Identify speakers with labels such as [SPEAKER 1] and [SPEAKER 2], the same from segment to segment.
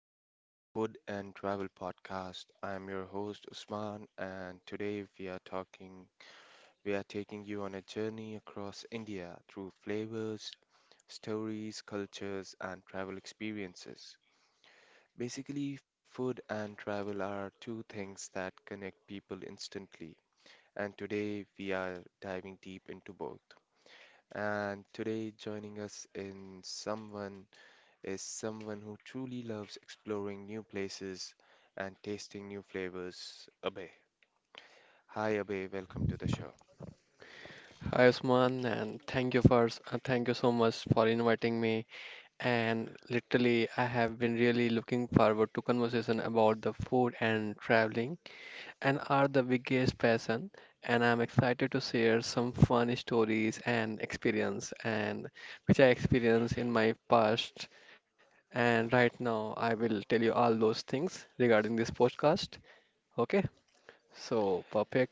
[SPEAKER 1] welcome to our food and travel podcast. I'm your host Usman, and today we are taking you on a journey across India through flavors, stories, cultures, and travel experiences. Basically, food and travel are two things that connect people instantly, and today we are diving deep into both. And today, joining us in someone is someone who truly loves exploring new places and tasting new flavors. Abhay. Hi, Abhay. Welcome to the show.
[SPEAKER 2] Hi Usman, and thank you so much for inviting me. And literally, I have been really looking forward to conversation about the food and traveling, and are the biggest passion. And I'm excited to share some fun stories and experience, and which I experienced in my past. And right now, I will tell you all those things regarding this podcast. Okay, so perfect.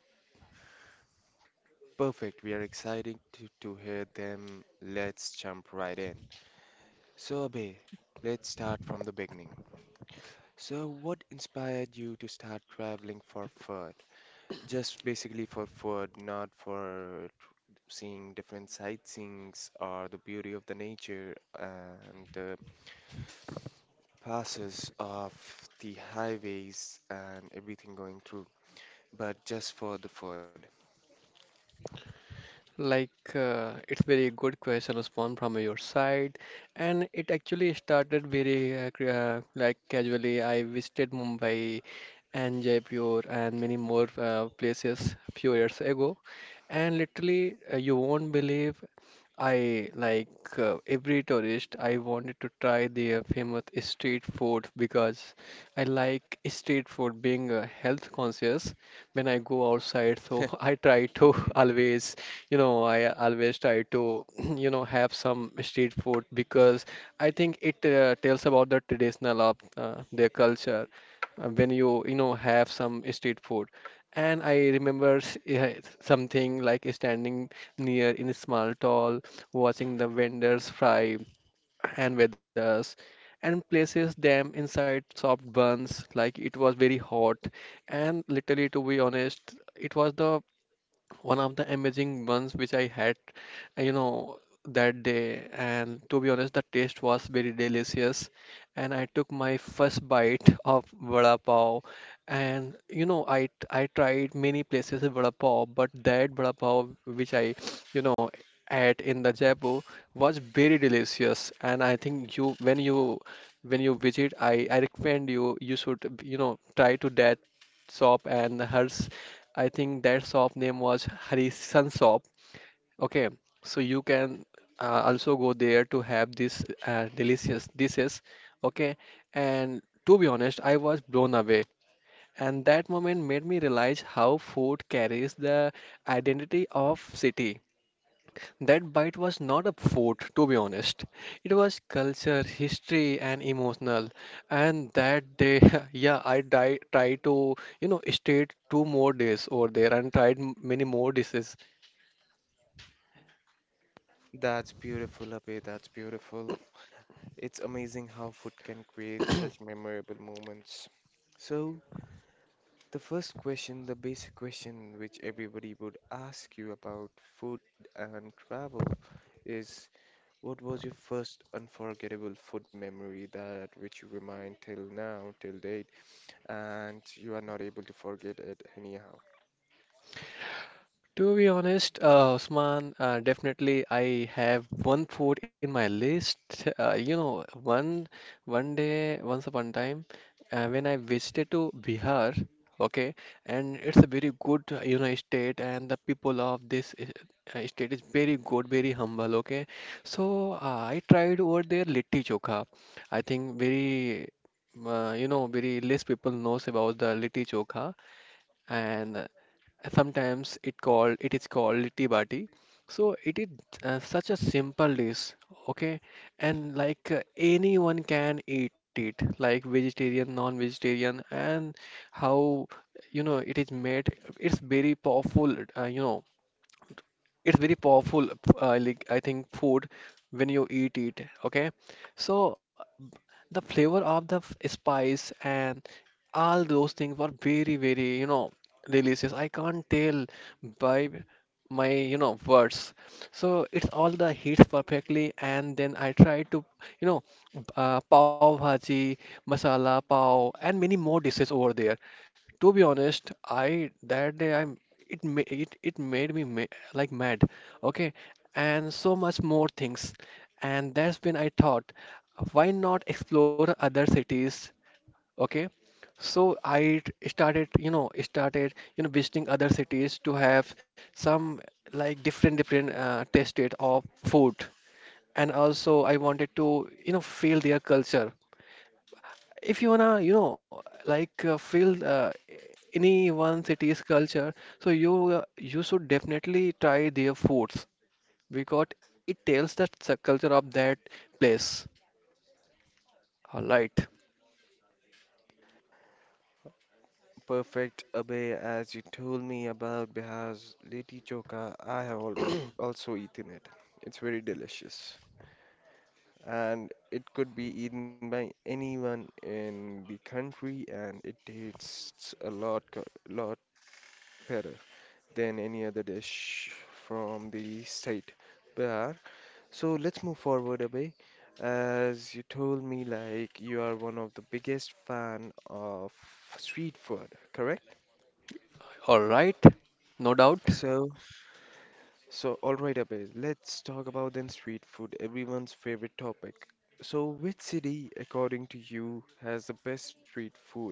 [SPEAKER 1] Perfect. We are excited to hear them. Let's jump right in. So, Abhay, let's start from the beginning. So, what inspired you to start traveling for food? Just basically for food, not for seeing different sightseeings or the beauty of the nature and passes of the highways and everything going through, but just for the food.
[SPEAKER 2] Like, it's very good question, Usman, from your side. And it actually started very like casually. I visited Mumbai and Jaipur and many more places a few years ago. And literally, you won't believe I like every tourist. I wanted to try their famous street food because I like street food being health conscious when I go outside. So I try to
[SPEAKER 1] Mhm.
[SPEAKER 2] always, I always try to, have some street food because I think it tells about the traditional of their culture when you, have some street food. And I remember yeah, something like standing near in a small stall, watching the vendors fry and with us, and places them inside soft buns like it was very hot. And literally, to be honest, it was the one of the amazing ones which I had, uh, you know, that day. And to be honest, the taste was very delicious. And I took my first bite of vada pav. And I tried many places of vada pav, but that vada pav which I, you know, ate in the Jaipur was very delicious. And I think you, when you visit, I recommend you should try to that shop and hers. I think that shop name was Harisan shop. Okay, so you can also go there to have this delicious dishes. Okay, and to be honest, I was blown away, and that moment made me realize how food carries the identity of city. That bite was not a food, to be honest. It was culture, history, and emotional. And that day, yeah, tried to, stayed two more days over there and tried many more dishes.
[SPEAKER 1] That's beautiful, Abhay. That's beautiful. It's amazing how food can create such memorable moments. So, the first question, the basic question which everybody would ask you about food and travel is, what was your first unforgettable food memory that which you remind till now, till date, and you are not able to forget it anyhow?
[SPEAKER 2] To be honest, Usman, definitely I have one food in my list. Uh, you know, one one day, once upon a time, when I visited to Bihar, okay, and it's a very good, state, and the people of this state is very good, very humble, okay. So I tried over there litti chokha. I think very less people knows about the litti chokha, and sometimes it is called litti bati. So it is such a simple dish, okay, and like anyone can eat it, like vegetarian, non-vegetarian, and how you know it is made. It's very powerful, uh, you know it's very powerful, like I think food when you eat it. Okay, so the flavor of the spice and all those things were very delicious. I can't tell by my words. So it's all the heats perfectly, and then I try to you know pav bhaji, masala pav, and many more dishes over there. To be honest, I that day I it made me like mad. Okay, and so much more things. And that's when I thought, why not explore other cities? Okay, so I t- started you know visiting other cities to have some like different different tasted of food. And also I wanted to feel their culture. If you wanna feel any one city's culture, so you should definitely try their foods, because it tells that the culture of that place. All right.
[SPEAKER 1] Perfect, abe, as you told me about Bihar's Liti Choka. I have also eaten it. It's very delicious and it could be eaten by anyone in the country, and it tastes a lot better than any other dish from the state Bihar. So let's move forward, abe. As you told me, like, you are one of the biggest fan of street food, correct?
[SPEAKER 2] All right. No doubt.
[SPEAKER 1] So all right, Abhay, let's talk about then street food, everyone's favorite topic. So, which city, according to you, has the best street food?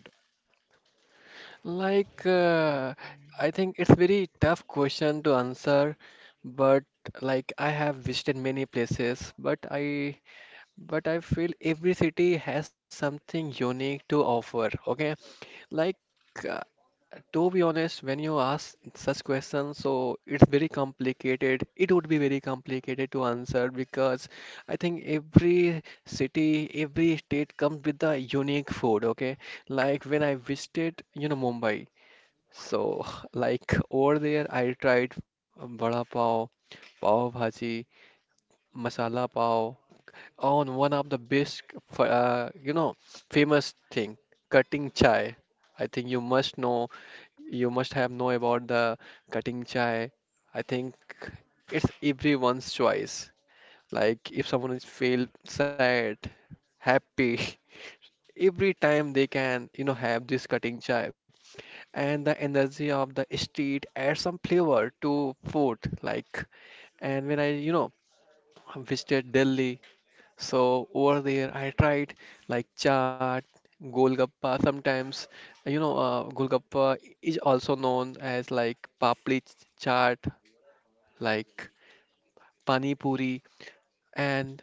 [SPEAKER 2] Like I think it's very tough question to answer, but like I have visited many places, but I feel every city has something unique to offer. Okay, like uh, to be honest, when you ask such questions, so it's very complicated. It would be very complicated to answer, because I think every city, every state comes with a unique food, okay? Like when I visited, Mumbai. So like over there I tried vada pav, pav bhaji, masala pav, on one of the best f- uh, you know, famous thing, cutting chai. I think you must have know about the cutting chai. I think it's everyone's choice. Like if someone is feel sad, happy, every time they can, have this cutting chai. And the energy of the street adds some flavor to food. Like and when I, visited Delhi, so over there, I tried like chaat, golgappa. Sometimes, golgappa is also known as like papli chaat, like pani puri. And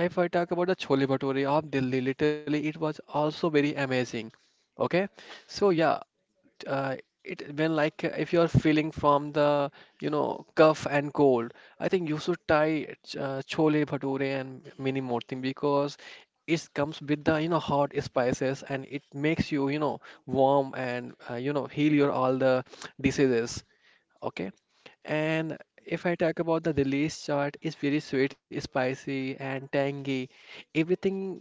[SPEAKER 2] if I talk about the chole bhature of Delhi, literally it was also very amazing. Okay, so yeah, uh, it when like if you're feeling from the cough and cold, I think you should try chole bhature and mini more thing, because it comes with the hot spices, and it makes you you know warm, and heal your all the diseases. Okay. And if I talk about the release chart, it's very sweet, spicy, and tangy. Everything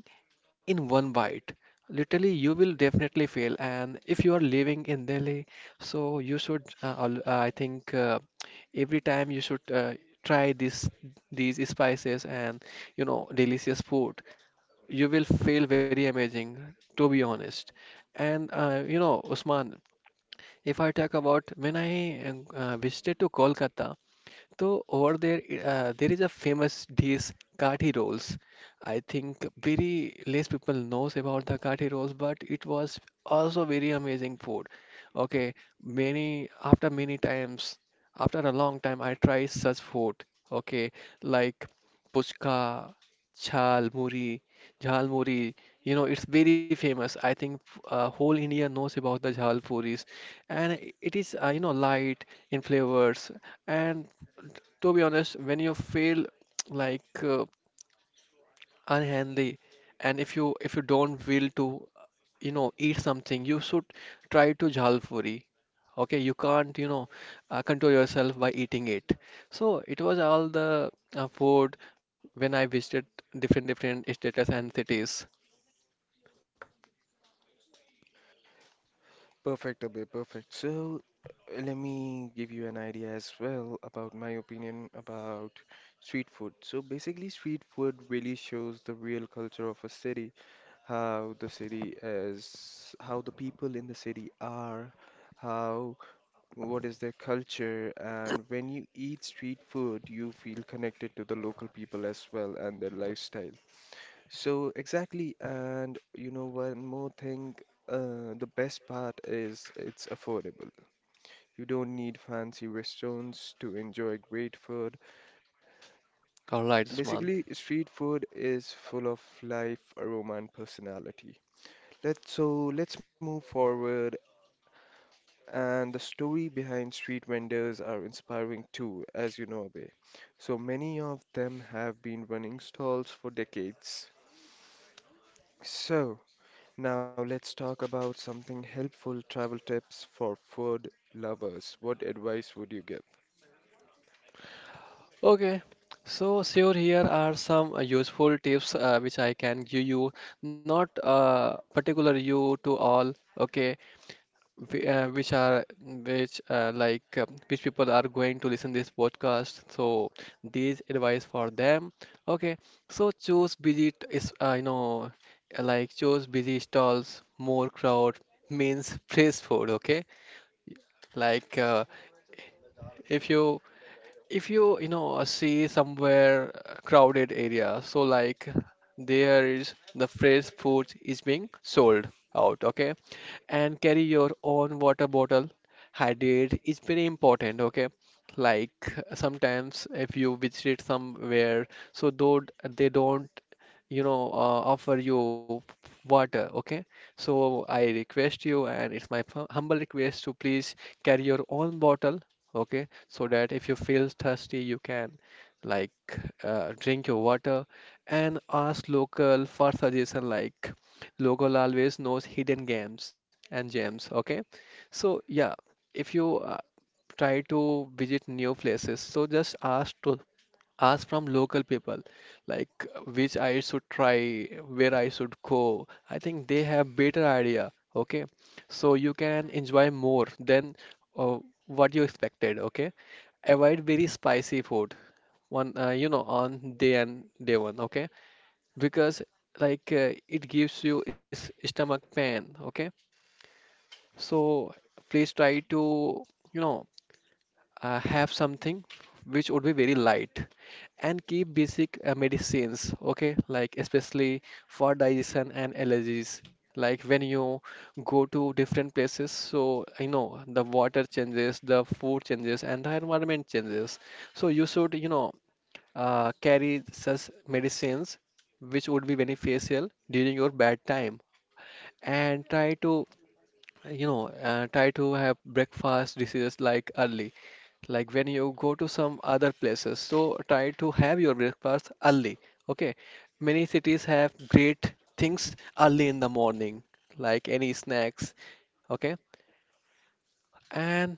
[SPEAKER 2] in one bite. Literally, you will definitely fail. And if you are living in Delhi, so you should, I think, every time you should try this these spices and delicious food. You will feel very amazing, to be honest. And Usman, if I talk about when I visited to Kolkata. So, over there, there is a famous dish, kathi rolls. I think very less people knows about the kathi rolls, but it was also very amazing food. Okay, many after many times, after a long time, I try such food. Okay, like puchka, chhal muri, jhal muri. You know, it's very famous. I think whole India knows about the jhal puris, and it is light in flavors, and to be honest, when you feel like unhealthy, and if you don't will to eat something, you should try to jhalpuri. Okay, you can't control yourself by eating it. So it was all the food when I visited different different states and cities.
[SPEAKER 1] Perfect, Abhay, perfect. So, let me give you an idea as well about my opinion about street food. So, basically, street food really shows the real culture of a city, how the city is, how the people in the city are, how, what is their culture, and when you eat street food, you feel connected to the local people as well and their lifestyle. So exactly, and you know one more thing, the best part is it's affordable. You don't need fancy restaurants to enjoy great food.
[SPEAKER 2] All right, Usman.
[SPEAKER 1] Basically, street food is full of life, aroma, and personality. Let's move forward. And the story behind street vendors are inspiring too, as you know, Abhay. So many of them have been running stalls for decades. So, now let's talk about something helpful, travel tips for food lovers. What advice would you give?
[SPEAKER 2] Okay, so sure, here are some useful tips, which I can give you, not particular you to all. Okay, whi- uh, which are which people are going to listen this podcast, so these advice for them. Okay, so choose busy t- is choose busy stalls, more crowd means fresh food. Okay, like if you if you you know see somewhere crowded area, so like there is the fresh food is being sold out. Okay, and carry your own water bottle. Hydrate is very important. Okay, like sometimes, if you visit somewhere, so though they don't offer you water. Okay, so I request you, and it's my humble request to please carry your own bottle. Okay, so that if you feel thirsty, you can, like, drink your water. And ask local for suggestion. Like, local always knows hidden games and gems. Okay, so yeah, if you try to visit new places, so just ask from local people, like which I should try, where I should go. I think they have better idea. Okay, so you can enjoy more than uh, what you expected. Okay, avoid very spicy food one on day and day one. Okay, because like it gives you stomach pain. Okay, so please try to you know have something which would be very light. And keep basic medicines. Okay, like especially for digestion and allergies. Like when you go to different places, so the water changes, the food changes, and the environment changes. So you should carry such medicines which would be beneficial during your bad time. And try to have breakfast decisions like early, like when you go to some other places. So try to have your breakfast early. Okay, many cities have great things early in the morning, like any snacks. Okay, and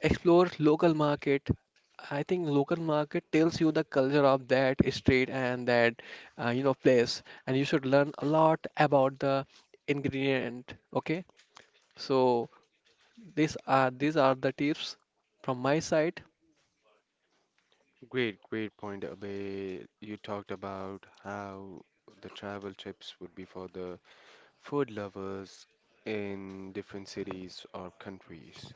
[SPEAKER 2] explore local market. I think local market tells you the culture of that street and that place, and you should learn a lot about the ingredient. Okay, so. These are the tips from my side.
[SPEAKER 1] Great, great point, Abhay. You talked about how the travel tips would be for the food lovers in different cities or countries.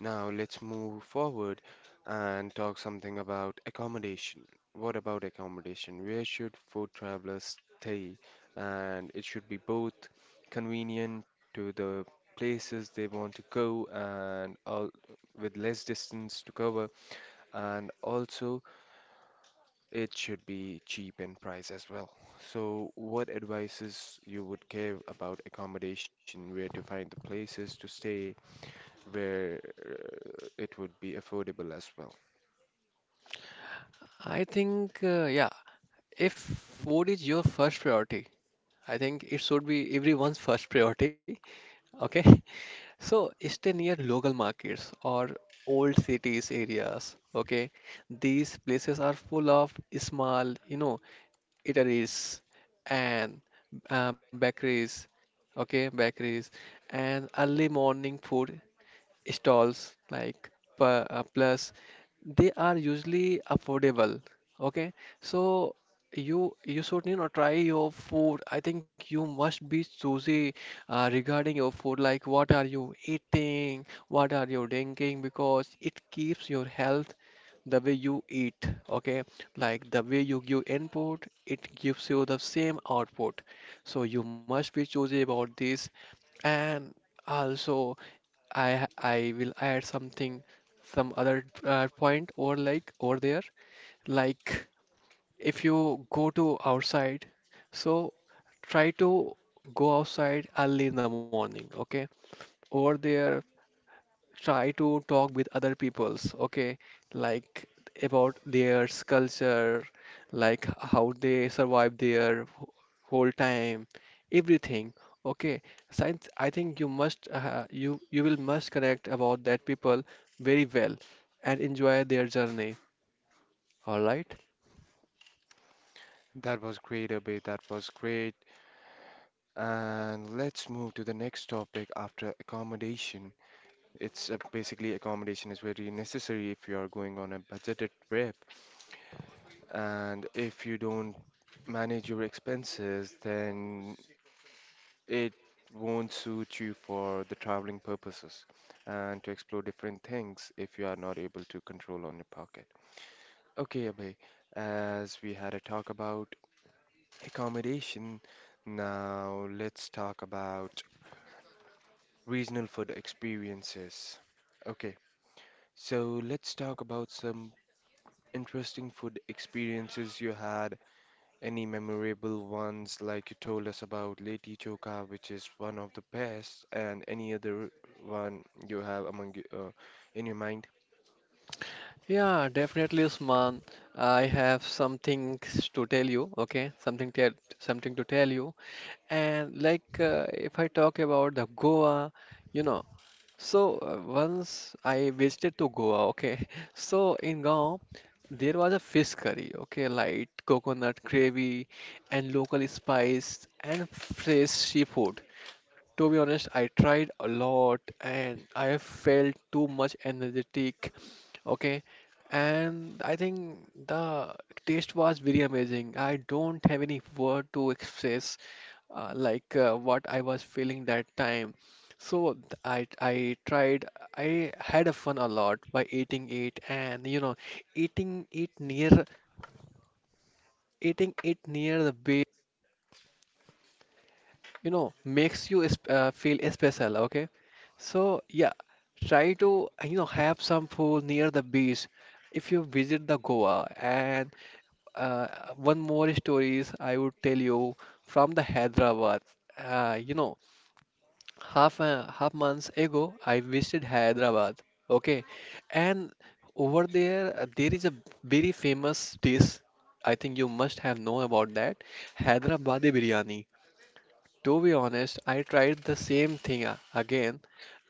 [SPEAKER 1] Now let's move forward and talk something about accommodation. What about accommodation? Where should food travelers stay? And it should be both convenient to the places they want to go and all, with less distance to cover, and also it should be cheap in price as well. So, what advices you would give about accommodation, where to find the places to stay, where it would be affordable as well.
[SPEAKER 2] I think yeah, if food is your first priority, I think it should be everyone's first priority. Okay, so stay near local markets or old cities areas. Okay, these places are full of small, you know, eateries and bakeries. Okay, bakeries and early morning food stalls like pu- plus they are usually affordable. Okay, so you should, you know, try your food. I think you must be choosy regarding your food, like what are you eating, what are you drinking, because it keeps your health the way you eat. Okay, like the way you give input, it gives you the same output. So you must be choosy about this, and also I will add something, some other point or like over there. Like if you go to outside, so try to go outside early in the morning. Okay, over there try to talk with other peoples. Okay, like about their culture, like how they survive their whole time, everything. Okay, science, I think you must you will must connect about that people very well and enjoy their journey. All right.
[SPEAKER 1] That was great, Abhay. That was great. And let's move to the next topic after accommodation. It's basically accommodation is very necessary if you are going on a budgeted trip. And if you don't manage your expenses, then it won't suit you for the traveling purposes and to explore different things if you are not able to control on your pocket. Okay, Abhay, as we had a talk about accommodation. Now let's talk about regional food experiences. Okay, so let's talk about some interesting food experiences you had. Any memorable ones, like you told us about Leti Choka, which is one of the best, and any other one you have among in your mind?
[SPEAKER 2] Yeah, definitely, Usman, I have something to tell you. Okay, something to tell you. And like if I talk about the Goa, you know, so once I visited to Goa, okay. So in Goa, there was a fish curry, okay, light coconut gravy and local spice and fresh seafood. To be honest, I tried a lot and I felt too much energetic. Okay. And I think the taste was very amazing. I don't have any word to express what I was feeling that time. So I tried, I had a fun a lot by eating it, and you know eating it near eating it near the bay, you know, makes you feel special. Okay, so yeah, try to, you know, have some food near the beach if you visit the Goa. And uh, one more stories I would tell you from the Hyderabad. You know, half a half months ago I visited Hyderabad. Okay, and over there there is a very famous dish. I think you must have known about that, Hyderabadi biryani. To be honest, I tried the same thing again,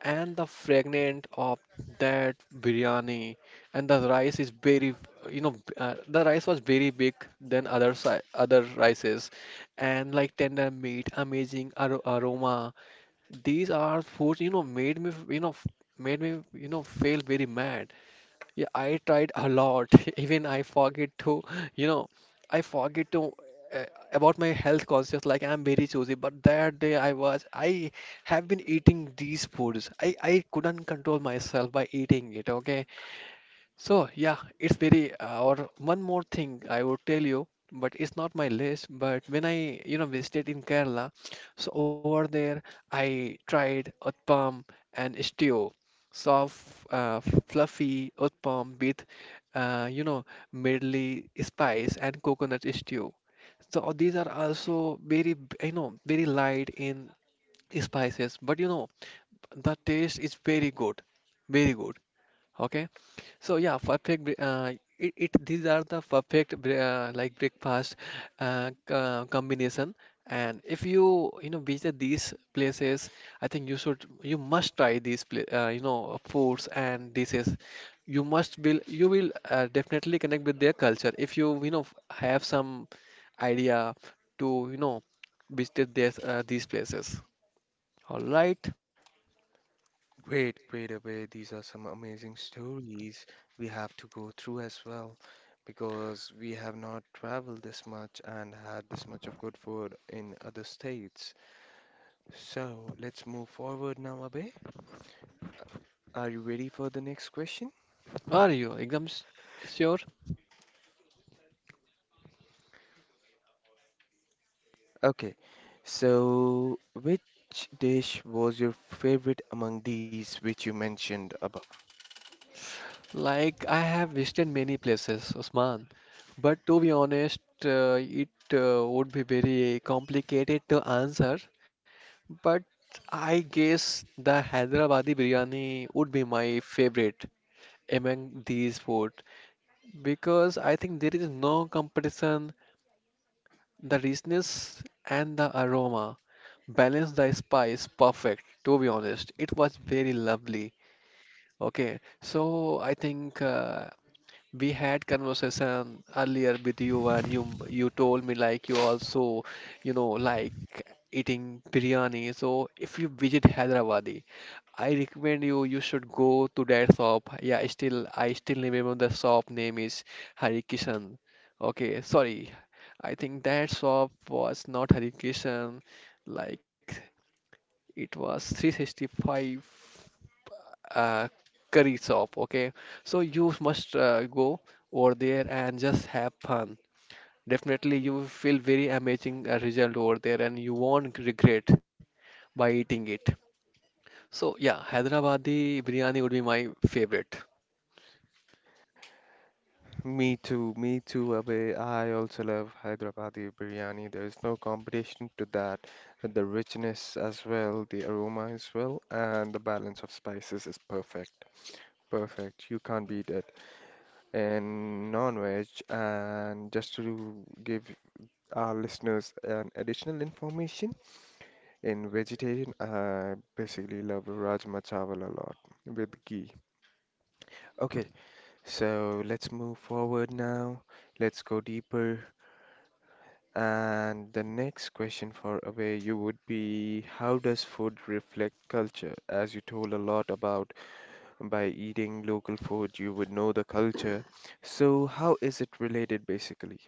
[SPEAKER 2] and the fragrance of that biryani, and the rice is very, you know, the rice was very big than other rices, and like tender meat, amazing ar aroma. These are foods, you know, made me, made me, you know, feel very mad. Yeah, I tried a lot. Even I forget to, you know, I forget to uh, about my health conscious. Like I'm very choosy, but that day I have been eating these foods. I couldn't control myself by eating it. Okay, so yeah, it's very or one more thing I would tell you, but it's not my list. But when I visited in Kerala, so over there I tried Uthapam and stew, soft, fluffy Uthapam with uh, you know medley spice and coconut stew. So these are also very you know very light in spices, but you know the taste is very good, very good. Okay, so yeah, perfect. It, it these are the perfect like breakfast combination. And if you you know visit these places, I think you must try these pla you know foods and dishes. You will definitely connect with their culture if you have some idea to, you know, visit this these places. All right,
[SPEAKER 1] Great, great, Abhay. These are some amazing stories we have to go through as well, because we have not traveled this much and had this much of good food in other states. So let's move forward now, Abhay. Are you ready for the next question?
[SPEAKER 2] are you exams sure?
[SPEAKER 1] Okay, so which dish was your favorite among these which you mentioned above?
[SPEAKER 2] Like I have visited many places, Osman, but to be honest, it would be very complicated to answer. But I guess the Hyderabadi biryani would be my favorite among these food, because I think there is no competition. The richness and the aroma balance the spice perfect. To be honest, it was very lovely. Okay, so I think we had conversation earlier with you, and you told me like you also, you know, like eating biryani. So if you visit Hyderabad, I recommend you should go to that shop. Yeah, I still remember the shop name is Hari Kishan. Okay, sorry. I think that shop was not Hari Kishan. Like it was 365 uh, curry shop. Okay, so you must go over there and just have fun. Definitely, you will feel very amazing result over there, and you won't regret by eating it. So yeah, Hyderabadi biryani would be my favorite.
[SPEAKER 1] Me too, Abhay. I also love Hyderabadi biryani. There is no competition to that. The richness as well, the aroma as well, and the balance of spices is perfect. Perfect. You can't beat it. And non-veg, and just to give our listeners an additional information, in vegetarian, I basically love Rajma Chawal a lot with ghee. Okay, so let's move forward now. Let's go deeper. And the next question for Away you would be, how does food reflect culture? As you told a lot about, by eating local food, you would know the culture. So how is it related basically?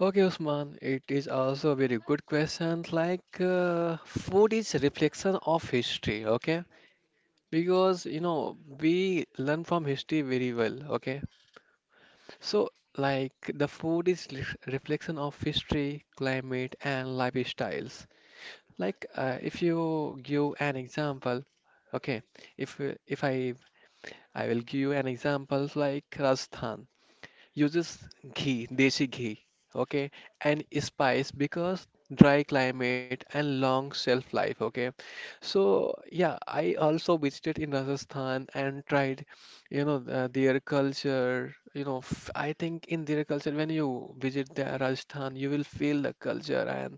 [SPEAKER 2] Okay, Usman, it is also a very good question. Like, food is reflection of history, okay? Because, you know, we learn from history very well, okay? So, like, the food is reflection of history, climate, and lifestyles. Like, if you give an example, okay, if I will give you an example like Rajasthan uses ghee, desi ghee, okay, and spice because dry climate and long shelf life, okay. So yeah, I also visited in Rajasthan and tried, you know, their culture. You know, f I think in their culture, when you visit the Rajasthan, you will feel the culture and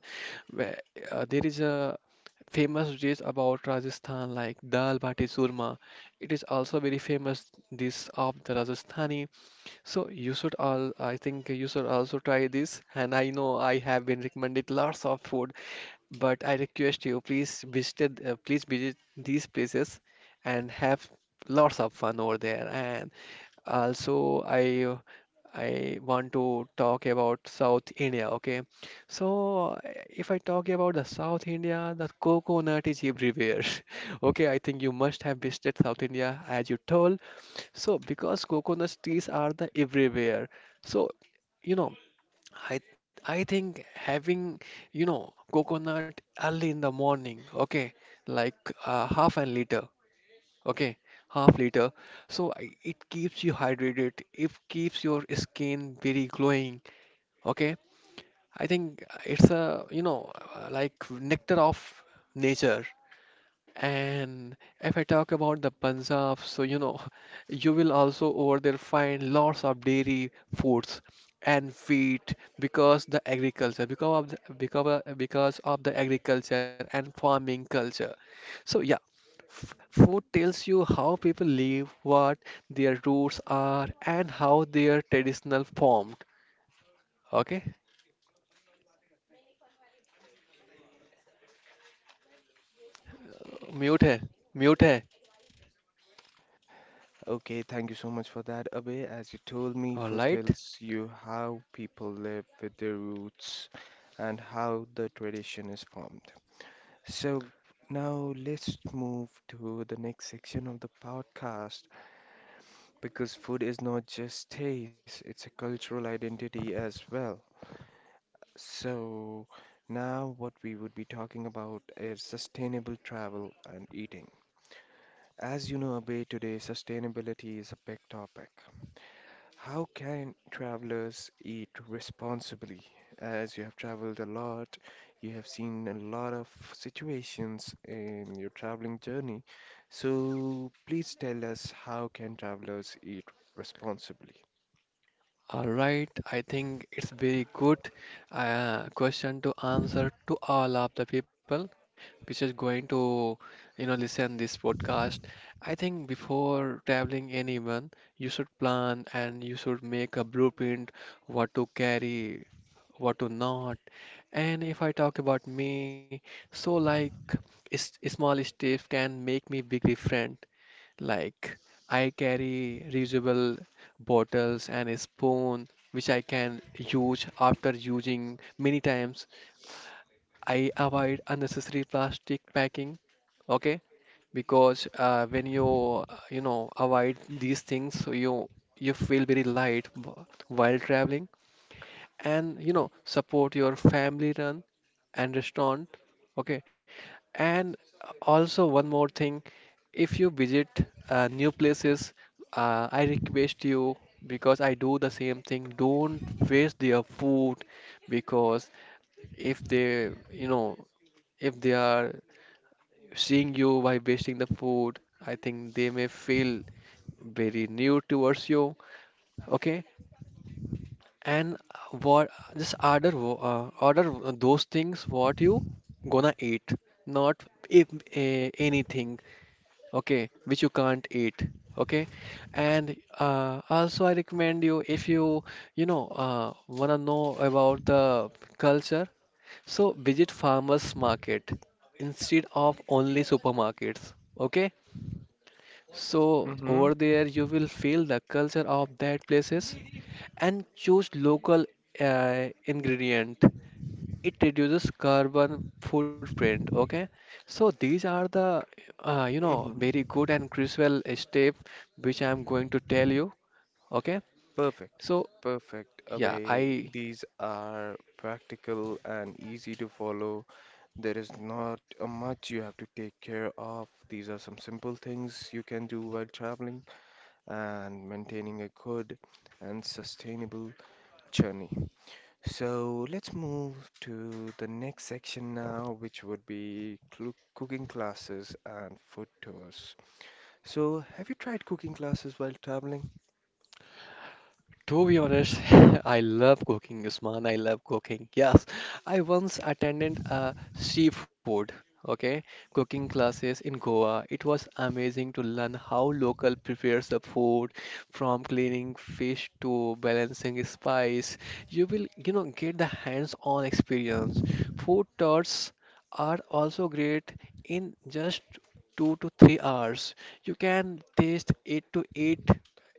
[SPEAKER 2] where, there is a famous dish about Rajasthan like dal bati surma. It is also very famous dish of the Rajasthani, so you should all, I think you should also try this. And I know I have been recommended lots of food, but I request you, please visit these places and have lots of fun over there. And also, I want to talk about South India. Okay, so if I talk about the South India, the coconut is everywhere. Okay, I think you must have visited South India as you told. So because coconut trees are the everywhere, so you know. I I think having, you know, coconut early in the morning, okay, like half an liter, okay, half liter. So it keeps you hydrated. It keeps your skin very glowing, okay. I think it's a, you know, like nectar of nature. And if I talk about the Punjab, so you know, you will also over there find lots of dairy foods and wheat because the agriculture, because of the agriculture and farming culture. So yeah, food tells you how people live, what their roots are, and how their traditional formed. Okay, mute है, mute है.
[SPEAKER 1] Okay, thank you so much for that, Abhay. As you told me,
[SPEAKER 2] All
[SPEAKER 1] food
[SPEAKER 2] right.
[SPEAKER 1] tells you how people live with their roots and how the tradition is formed. So now let's move to the next section of the podcast, because food is not just taste, it's a cultural identity as well. So, now what we would be talking about is sustainable travel and eating. As you know, Abhay, today sustainability is a big topic. How can travelers eat responsibly? As you have traveled a lot, you have seen a lot of situations in your traveling journey. So please tell us, how can travelers eat responsibly?
[SPEAKER 2] All right, I think it's very good question to answer to all of the people which is going to, you know, listen this podcast. I think before traveling anyone, you should plan and you should make a blueprint, what to carry, what to not. And if I talk about me, so like small steps can make me big different. Like, I carry reusable bottles and a spoon which I can use after using many times. I avoid unnecessary plastic packing, okay? Because when you you know avoid these things, so you feel very light while traveling and you know support your family run and restaurant. Okay, and also one more thing, if you visit new places, I request you, because I do the same thing, don't waste their food. Because if they, you know, if they are seeing you by wasting the food, I think they may feel very new towards you. Okay, and what, just order those things what you gonna eat, not if anything, okay, which you can't eat. Okay, and also I recommend you, if you you know wanna know about the culture, so visit farmers market instead of only supermarkets. Okay, so over there you will feel the culture of that places. And choose local ingredient, it reduces carbon footprint. Okay, so these are the
[SPEAKER 1] Hmm.
[SPEAKER 2] very good and crucial step which I'm going to tell you. Okay,
[SPEAKER 1] Perfect.
[SPEAKER 2] so
[SPEAKER 1] Perfect,
[SPEAKER 2] yeah, I
[SPEAKER 1] Abhay. These are practical and easy to follow. There is not much you have to take care of. These are some simple things you can do while traveling and maintaining a good and sustainable journey. So let's move to the next section now, which would be cooking classes and food tours. So, have you tried cooking classes while traveling?
[SPEAKER 2] to be honest, I love cooking, Usman, I love cooking. Yes, I once attended a seafood, okay, cooking classes in Goa. It was amazing to learn how local prepares the food, from cleaning fish to balancing spice. You will, you know, get the hands-on experience. Food tours are also great in just 2 to 3 hours. You can taste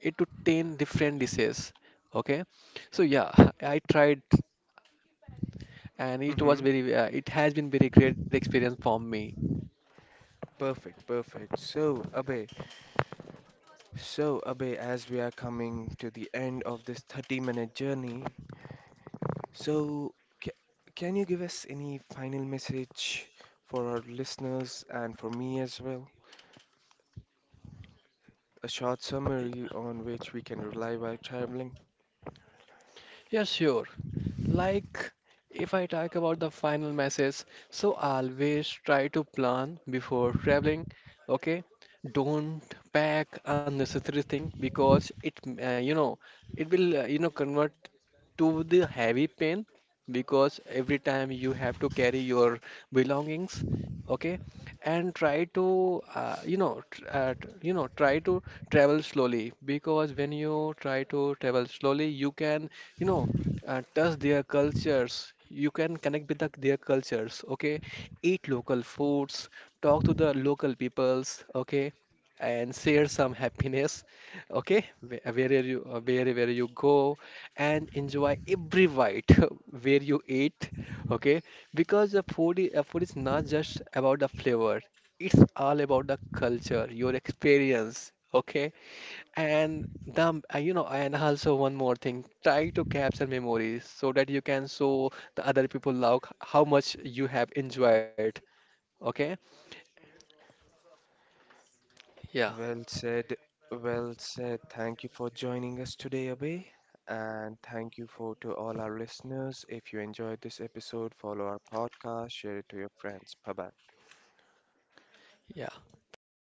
[SPEAKER 2] 8 to 10 different dishes. Okay, so yeah, I tried, and it was very, it has been very great experience for me.
[SPEAKER 1] Perfect, perfect. So Abhay, as we are coming to the end of this 30-minute journey, so ca can you give us any final message for our listeners and for me as well? A short summary on which we can rely while traveling.
[SPEAKER 2] Yeah, sure. Like, if I talk about the final message, so always try to plan before traveling, okay? Don't pack unnecessary thing because it, it will, convert to the heavy pain because every time you have to carry your belongings, okay? And try to, try to travel slowly, because when you try to travel slowly, you can, you know touch their cultures. You can connect with the, their cultures, okay? Eat local foods, talk to the local peoples, okay? And share some happiness, okay? Wherever you go, and enjoy every bite where you eat, okay? Because the food, food is not just about the flavor; it's all about the culture, your experience, okay? And the, and also one more thing, try to capture memories so that you can show the other people like how much you have enjoyed. Okay? Yeah,
[SPEAKER 1] Well said, well said. Thank you for joining us today, Abhay. And thank you for to all our listeners. If you enjoyed this episode, follow our podcast, share it to your friends. Bye bye.
[SPEAKER 2] yeah. Thank you, Usman.